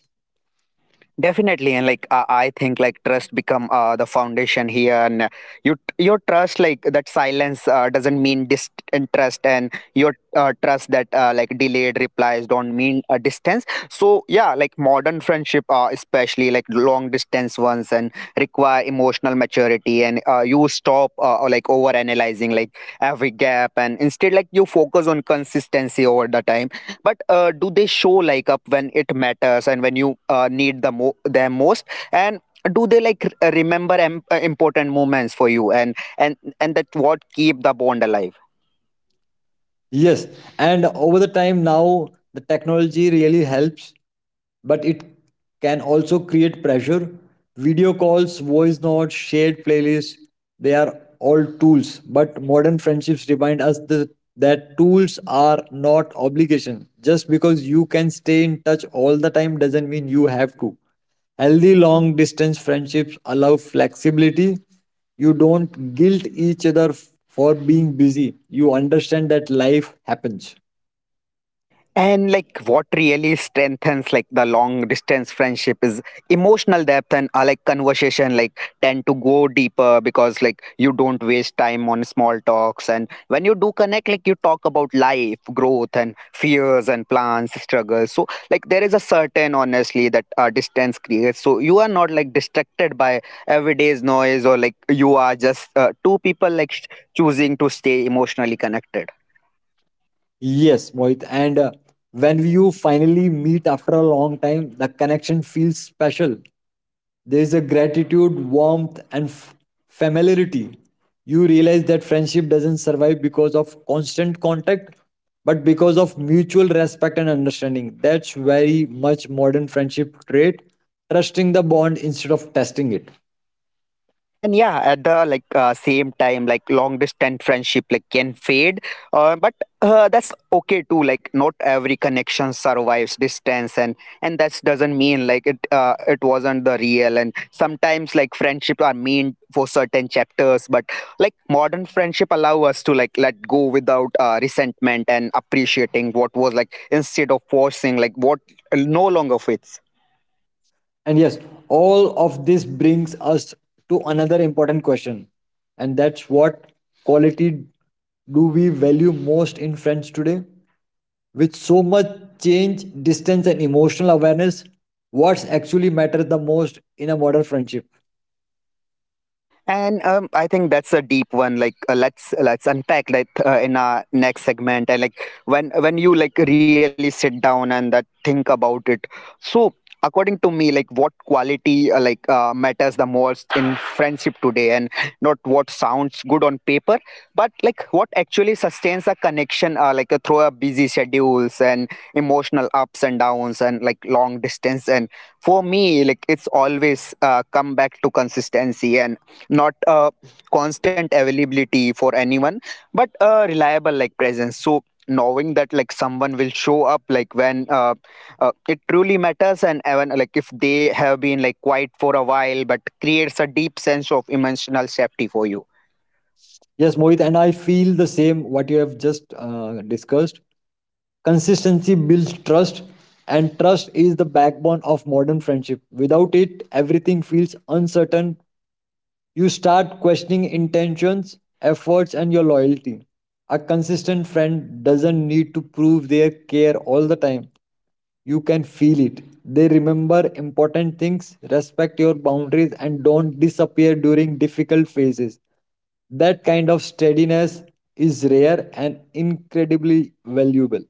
A: Definitely, and like I think, like trust become the foundation here, and your trust like that silence doesn't mean disinterest, and your trust that like delayed replies don't mean a distance. So yeah, like modern friendship, especially like long distance ones, and require emotional maturity, and you stop or, like over analyzing like every gap, and instead like you focus on consistency over the time. But do they show like up when it matters and when you need them most, and do they like remember important moments for you, and that what keep the bond alive.
B: Yes, and over the time now the technology really helps, but it can also create pressure. Video calls, voice notes, shared playlists, they are all tools, but modern friendships remind us that tools are not obligation. Just because you can stay in touch all the time doesn't mean you have to. Healthy long distance friendships allow flexibility. You don't guilt each other for being busy. You understand that life happens.
A: And like what really strengthens like the long distance friendship is emotional depth, and like conversation like tend to go deeper, because like you don't waste time on small talks. And when you do connect, like you talk about life, growth and fears and plans, struggles. So like there is a certain honestly that distance creates. So you are not like distracted by everyday's noise, or like you are just two people like choosing to stay emotionally connected.
B: Yes, Mohit. And when you finally meet after a long time, the connection feels special. There is a gratitude, warmth, and familiarity. You realize that friendship doesn't survive because of constant contact, but because of mutual respect and understanding. That's very much modern friendship trait, trusting the bond instead of testing it.
A: And yeah, at the like same time, like long distance friendship like can fade, but that's okay too. Like not every connection survives distance, and that doesn't mean like it wasn't the real. And sometimes like friendship are meant for certain chapters, but like modern friendship allow us to like let go without resentment, and appreciating what was like instead of forcing like what no longer fits.
B: And yes, all of this brings us to another important question. And that's what quality do we value most in friends today? With so much change, distance, and emotional awareness, what's actually matters the most in a modern friendship?
A: And I think that's a deep one. Like let's unpack that in our next segment. And like when you like really sit down and that think about it. So according to me, like what quality like matters the most in friendship today, and not what sounds good on paper, but like what actually sustains a connection. Like through a busy schedules and emotional ups and downs, and like long distance. And for me, like it's always come back to consistency, and not a constant availability for anyone, but a reliable like presence. So knowing that like someone will show up like when it truly matters, and even like if they have been like quiet for a while, but creates a deep sense of emotional safety for you.
B: Yes, Mohit, and I feel the same what you have just discussed. Consistency builds trust, and trust is the backbone of modern friendship. Without it, everything feels uncertain. You start questioning intentions, efforts, and your loyalty. A consistent friend doesn't need to prove their care all the time. You can feel it. They remember important things, respect your boundaries, and don't disappear during difficult phases. That kind of steadiness is rare and incredibly valuable.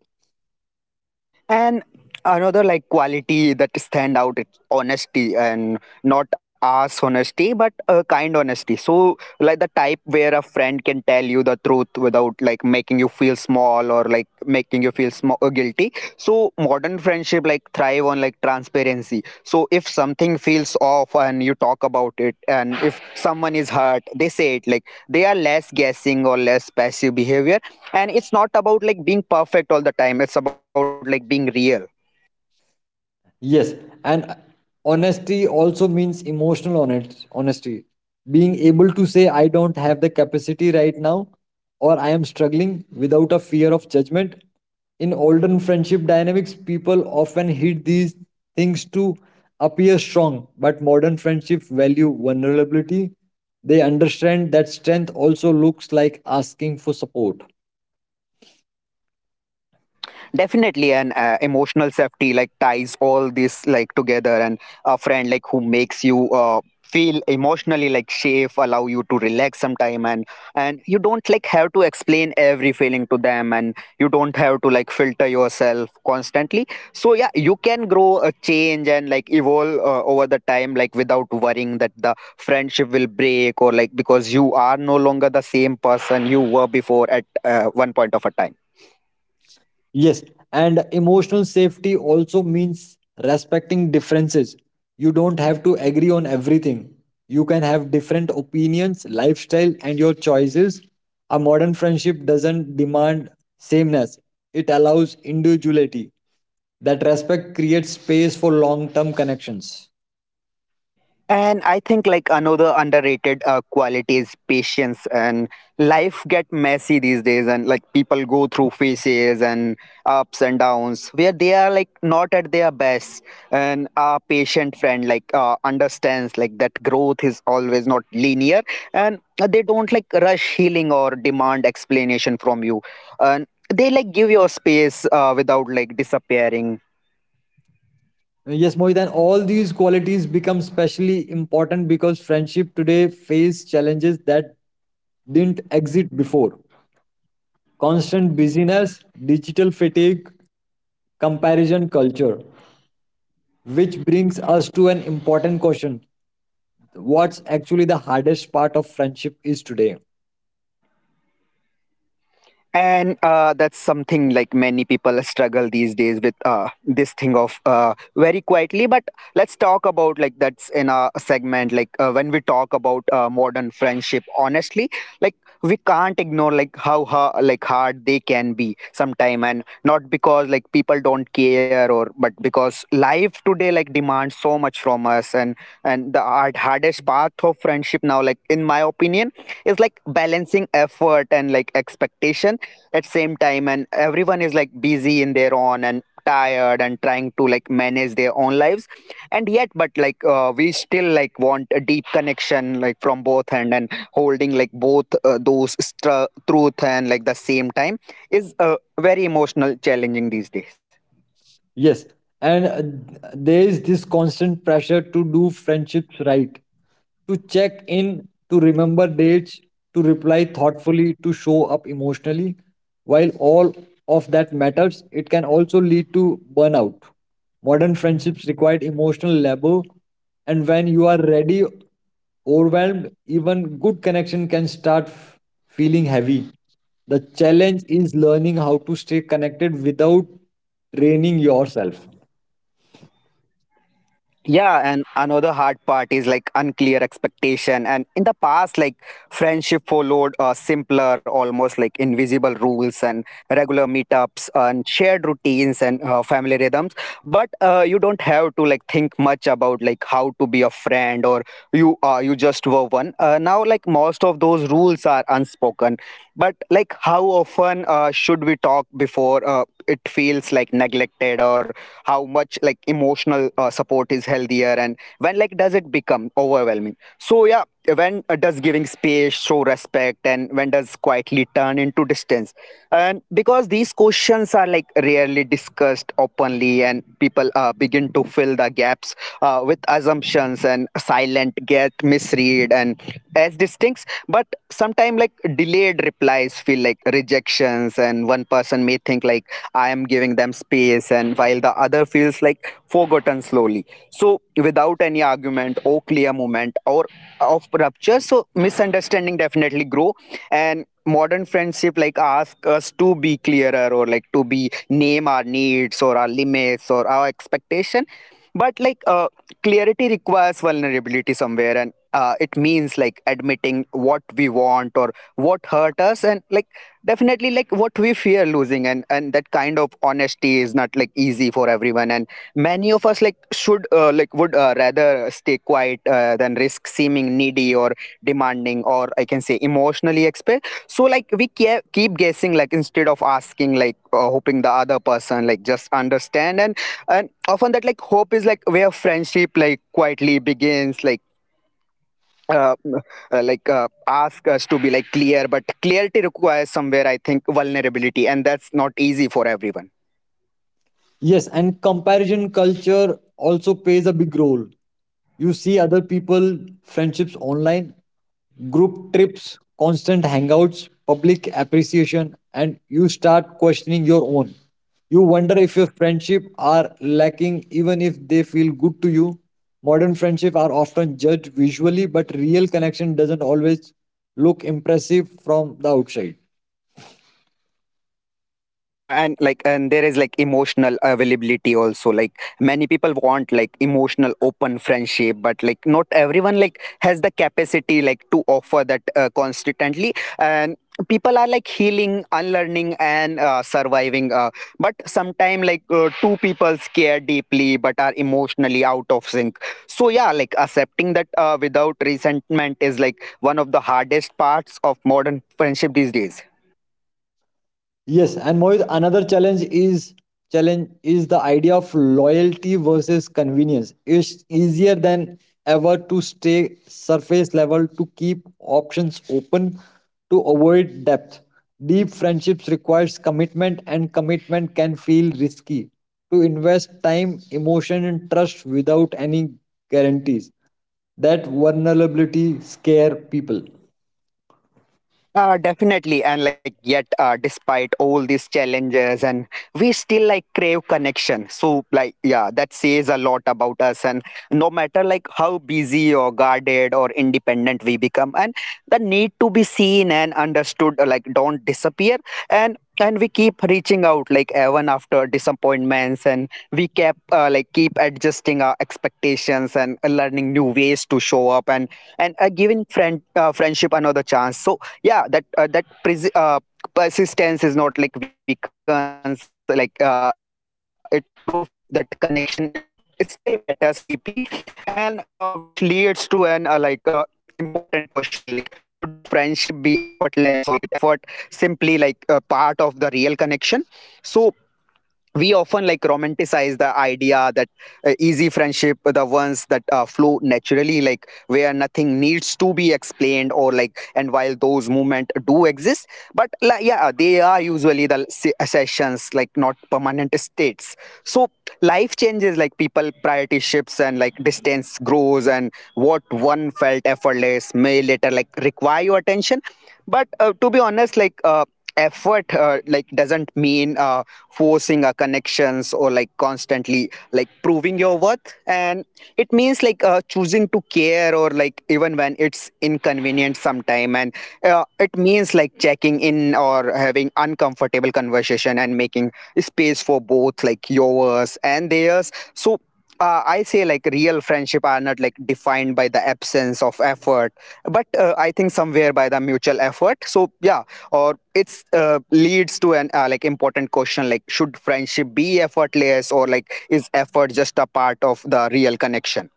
A: And another like quality that stand out, it's honesty. And not ass honesty, but a kind honesty. So like the type where a friend can tell you the truth without like making you feel small, or like making you feel guilty so modern friendship like thrive on like transparency. So if something feels off and you talk about it, and if someone is hurt they say it, like they are less guessing or less passive behavior. And it's not about like being perfect all the time, it's about like being real.
B: Yes, and honesty also means emotional honesty. Being able to say, I don't have the capacity right now, or I am struggling without a fear of judgment. In olden friendship dynamics, people often hid these things to appear strong, but modern friendships value vulnerability. They understand that strength also looks like asking for support.
A: Definitely, an emotional safety like ties all this like together. And a friend like who makes you feel emotionally like safe allow you to relax sometime. And you don't like have to explain every feeling to them, and you don't have to like filter yourself constantly. So yeah, you can grow a change and like evolve over the time like without worrying that the friendship will break, or like because you are no longer the same person you were before at one point of a time.
B: Yes, and emotional safety also means respecting differences. You don't have to agree on everything. You can have different opinions, lifestyle, and your choices. A modern friendship doesn't demand sameness, it allows individuality. That respect creates space for long term connections.
A: And I think like another underrated quality is patience. And life get messy these days, and like people go through phases and ups and downs where they are like not at their best. And our patient friend like understands like that growth is always not linear. And they don't like rush healing or demand explanation from you. And they like give your space without like disappearing.
B: Yes, Mohitan, all these qualities become specially important because friendship today face challenges that didn't exist before. Constant busyness, digital fatigue, comparison culture, which brings us to an important question. What's actually the hardest part of friendship is today?
A: And that's something like many people struggle these days with, this thing of very quietly. But let's talk about like that's in a segment, like when we talk about modern friendship honestly. Like we can't ignore like how like hard they can be sometime. And not because like people don't care, or but because life today like demands so much from us. And the hardest part of friendship now, like in my opinion, is like balancing effort and like expectation at same time. And everyone is like busy in their own and tired and trying to like manage their own lives. And yet but like we still like want a deep connection like from both hand, and holding like both those truth and like the same time is very emotional challenging these days.
B: Yes, and there is this constant pressure to do friendships right, to check in, to remember dates, to reply thoughtfully, to show up emotionally. While all of that matters, it can also lead to burnout. Modern friendships require emotional labor, and when you are ready, overwhelmed, even good connection can start feeling heavy. The challenge is learning how to stay connected without training yourself.
A: Yeah, and another hard part is like unclear expectation. And in the past, like friendship followed simpler, almost like invisible rules, and regular meetups and shared routines and family rhythms. But you don't have to like think much about like how to be a friend, or you just were one. Now like most of those rules are unspoken. But like how often should we talk before it feels like neglected, or how much like emotional support is healthier, and when like does it become overwhelming? So yeah, when does giving space show respect, and when does quietly turn into distance? And because these questions are like rarely discussed openly, and people begin to fill the gaps with assumptions, and silent get misread and as distincts. But sometimes like delayed replies feel like rejections, and one person may think Like I am giving them space, and while the other feels like forgotten slowly. So, without any argument or clear moment or of rupture, so misunderstanding definitely grow, and modern friendship like ask us to be clearer or like to be name our needs or our limits or our expectation but clarity requires vulnerability somewhere and it means like admitting what we want or what hurt us and like definitely like what we fear losing and that kind of honesty is not like easy for everyone and many of us like should like would rather stay quiet than risk seeming needy or demanding or I can say emotionally expert. So like we keep guessing like instead of asking, like hoping the other person like just understand. And often that like hope is like where friendship like quietly begins like uh, uh, like uh, ask us to be like clear, but clarity requires somewhere I think vulnerability, and that's not easy for everyone.
B: Yes, and comparison culture also plays a big role. You see other people, friendships online, group trips, constant hangouts, public appreciation, and you start questioning your own. You wonder if your friendship are lacking even if they feel good to you. Modern friendship are often judged visually, but real connection doesn't always look impressive from the outside.
A: Yeah, and like and there is like emotional availability also. Like many people want like emotional open friendship but like not everyone like has the capacity like to offer that constantly, and people are like healing, unlearning and surviving, but sometimes like two people care deeply but are emotionally out of sync. So yeah, like accepting that without resentment is like one of the hardest parts of modern friendship these days.
B: Yes, and Mohit, another challenge is the idea of loyalty versus convenience. It's easier than ever to stay surface level, to keep options open, to avoid depth. Deep friendships requires commitment, and commitment can feel risky. To invest time, emotion and trust without any guarantees. That vulnerability scare people.
A: Definitely, and like yet, despite all these challenges, and we still like crave connection. So, like, yeah, that says a lot about us. And no matter like how busy or guarded or independent we become, and the need to be seen and understood, like, don't disappear. And we keep reaching out, like even after disappointments, and we kept like keep adjusting our expectations and learning new ways to show up, and giving friendship another chance. So yeah, that that persistence is not like weakens like, it proved that connection it's, it still matters deeply, and which leads to an like important question, like should friendship be effortless or like it effort simply like a part of the real connection. So we often like romanticize the idea that easy friendship, the ones that flow naturally like where nothing needs to be explained or like. And while those movement do exist, but like, yeah they are usually the sessions like not permanent states. So life changes, like people priority shifts and like distance grows, and what one felt effortless may later like require your attention. But to be honest, effort like doesn't mean forcing a connections or like constantly like proving your worth, and it means like choosing to care, or like even when it's inconvenient sometime, and it means like checking in or having uncomfortable conversation and making space for both like yours and theirs. So I say like real friendship are not like defined by the absence of effort, but I think somewhere by the mutual effort. So yeah, or it's leads to an like important question, like should friendship be effortless or like is effort just a part of the real connection.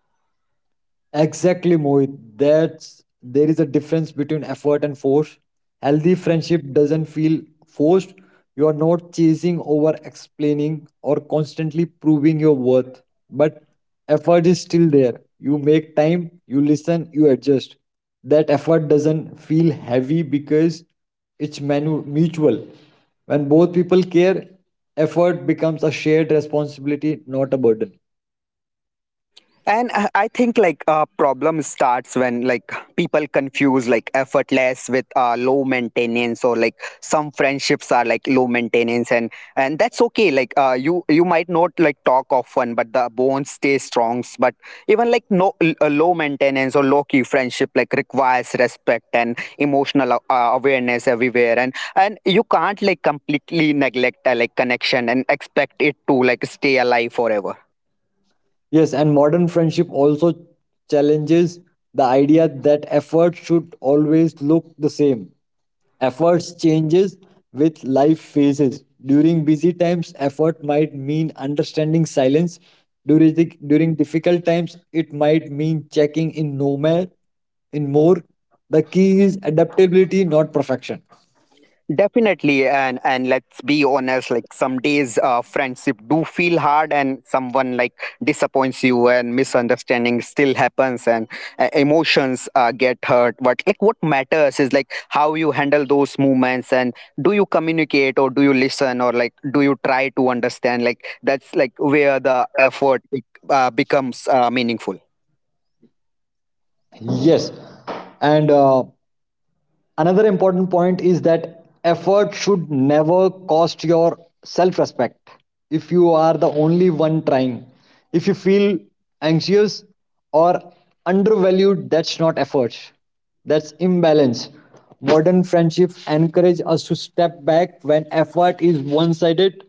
B: Exactly, Mohit. That's there is a difference between effort and force. Healthy friendship doesn't feel forced. You are not chasing over explaining or constantly proving your worth. But effort is still there. You make time, you listen, you adjust. That effort doesn't feel heavy because it's mutual. When both people care, effort becomes a shared responsibility, not a burden.
A: And I think like a problem starts when like people confuse like effortless with low maintenance or like some friendships are like low maintenance, and that's okay. Like uh, you might not like talk often but the bonds stay strong, but even like no a low maintenance or low key friendship like requires respect and emotional awareness everywhere, and you can't like completely neglect a like connection and expect it to like stay alive forever.
B: Yes, and modern friendship also challenges the idea that effort should always look the same. Efforts changes with life phases. During busy times, effort might mean understanding silence. During, during difficult times, it might mean checking in no more, in more. The key is adaptability, not perfection.
A: Definitely, and let's be honest. Like some days, friendship do feel hard, and someone like disappoints you, and misunderstanding still happens, and emotions get hurt. But like, what matters is like how you handle those moments, and do you communicate, or do you listen, or like do you try to understand? Like that's like where the effort like, becomes meaningful.
B: Yes, and another important point is that effort should never cost your self respect. If you are the only one trying, if you feel anxious or undervalued, that's not effort, that's imbalance. Modern friendships encourage us to step back when effort is one sided,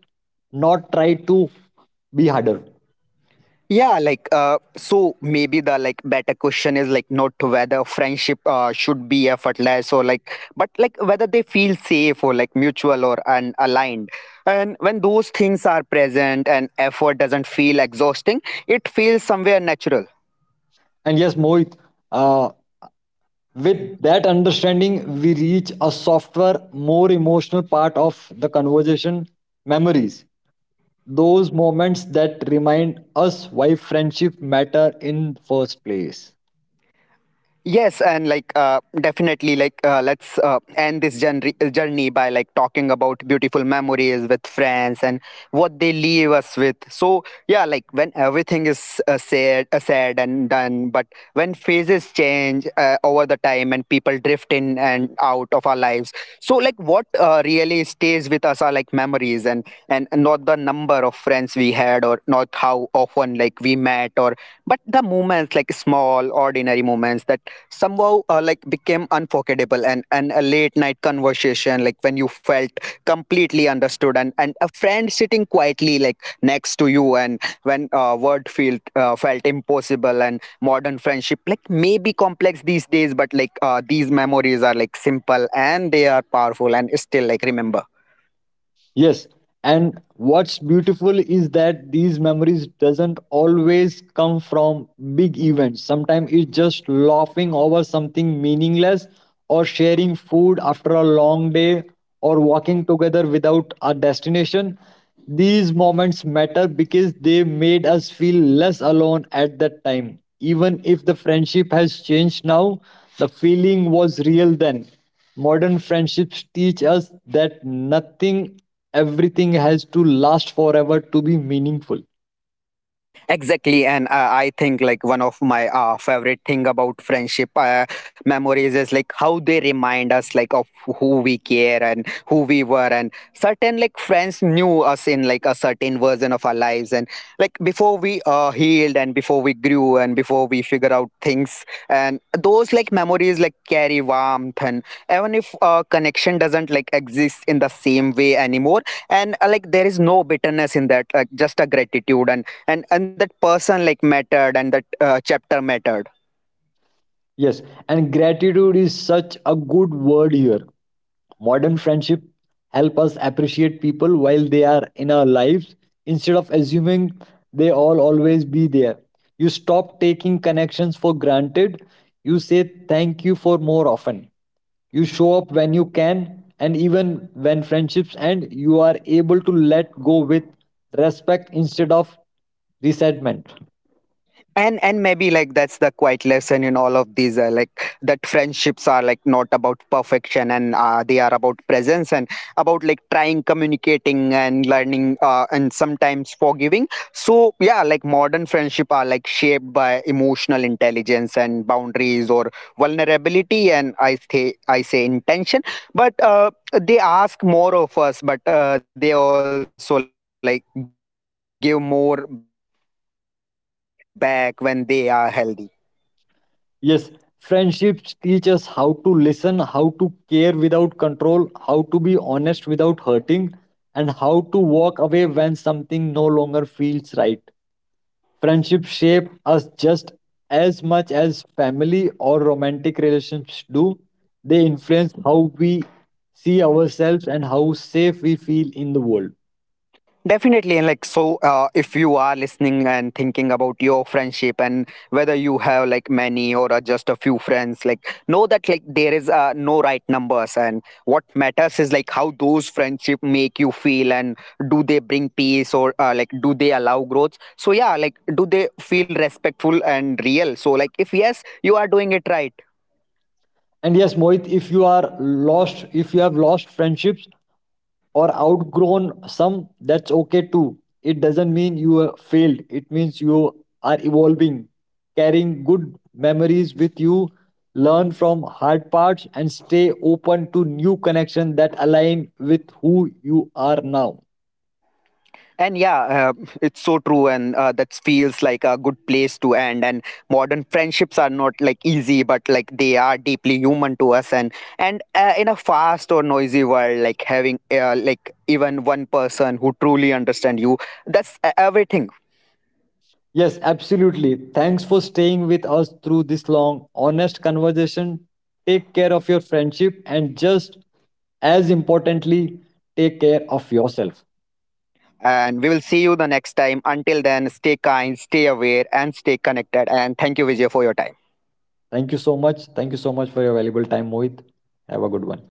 B: not try to be harder.
A: Yeah, so maybe the like better question is like not whether friendship should be effortless or like, but like whether they feel safe or like mutual or and aligned, and when those things are present and effort doesn't feel exhausting, it feels somewhere natural.
B: And yes, Mohit, uh, with that understanding, we reach a softer, more emotional part of the conversation memories. Those moments that remind us why friendship matter in first place.
A: Yes, and definitely, let's end this journey by like talking about beautiful memories with friends and what they leave us with. So yeah, like when everything is said and done, but when phases change over the time and people drift in and out of our lives. So like what really stays with us are like memories, and not the number of friends we had or not how often like we met, or but the moments, like small ordinary moments that somehow like became unforgettable. And a late night conversation like when you felt completely understood, and a friend sitting quietly like next to you and when word felt impossible. And modern friendship like may be complex these days but like these memories are like simple and they are powerful and still like remember.
B: Yes, and what's beautiful is that these memories doesn't always come from big events. Sometimes it's just laughing over something meaningless or sharing food after a long day or walking together without a destination. These moments matter because they made us feel less alone at that time. Even if the friendship has changed now, the feeling was real then. Modern friendships teach us that nothing, everything has to last forever to be meaningful.
A: Exactly, and I think like one of my favorite thing about friendship memories is like how they remind us like of who we care and who we were, and certain like friends knew us in like a certain version of our lives, and like before we healed and before we grew and before we figure out things, and those like memories like carry warmth, and even if connection doesn't like exist in the same way anymore, and like there is no bitterness in that, like just a gratitude, and and that person like mattered and that chapter mattered.
B: Yes, and gratitude is such a good word here. Modern friendship help us appreciate people while they are in our lives instead of assuming they all always be there. You stop taking connections for granted. You say thank you for more often. You show up when you can, and even when friendships end, you are able to let go with respect instead of resentment.
A: And maybe like that's the quiet lesson in all of these like, that friendships are like not about perfection, and they are about presence, and about like trying, communicating and learning, and sometimes forgiving. So yeah, like modern friendship are like shaped by emotional intelligence and boundaries or vulnerability, and I say intention. But they ask more of us, but they also like give more back when they are healthy.
B: Yes, friendships teach us how to listen, how to care without control, how to be honest without hurting, and how to walk away when something no longer feels right. Friendships shape us just as much as family or romantic relationships do. They influence how we see ourselves and how safe we feel in the world.
A: Definitely, and like so, if you are listening and thinking about your friendship and whether you have like many or just a few friends, like know that like there is no right numbers, and what matters is like how those friendship make you feel, and do they bring peace, or like do they allow growth? So yeah, like do they feel respectful and real? So like if yes, you are doing it right.
B: And yes, Mohit, if you are lost, if you have lost friendships, or outgrown some, that's okay too. It doesn't mean you have failed, it means you are evolving, carrying good memories with you. Learn from hard parts and stay open to new connections that align with who you are now.
A: And yeah, it's so true, and that feels like a good place to end. And modern friendships are not like easy, but like they are deeply human to us. And in a fast or noisy world, like having like even one person who truly understands you, that's everything.
B: Yes, absolutely. Thanks for staying with us through this long, honest conversation. Take care of your friendship and just as importantly, take care of yourself.
A: And we will see you the next time. Until then, stay kind, stay aware, and stay connected. And thank you, Vijay, for your time.
B: Thank you so much. Thank you so much for your valuable time, Mohit. Have a good one.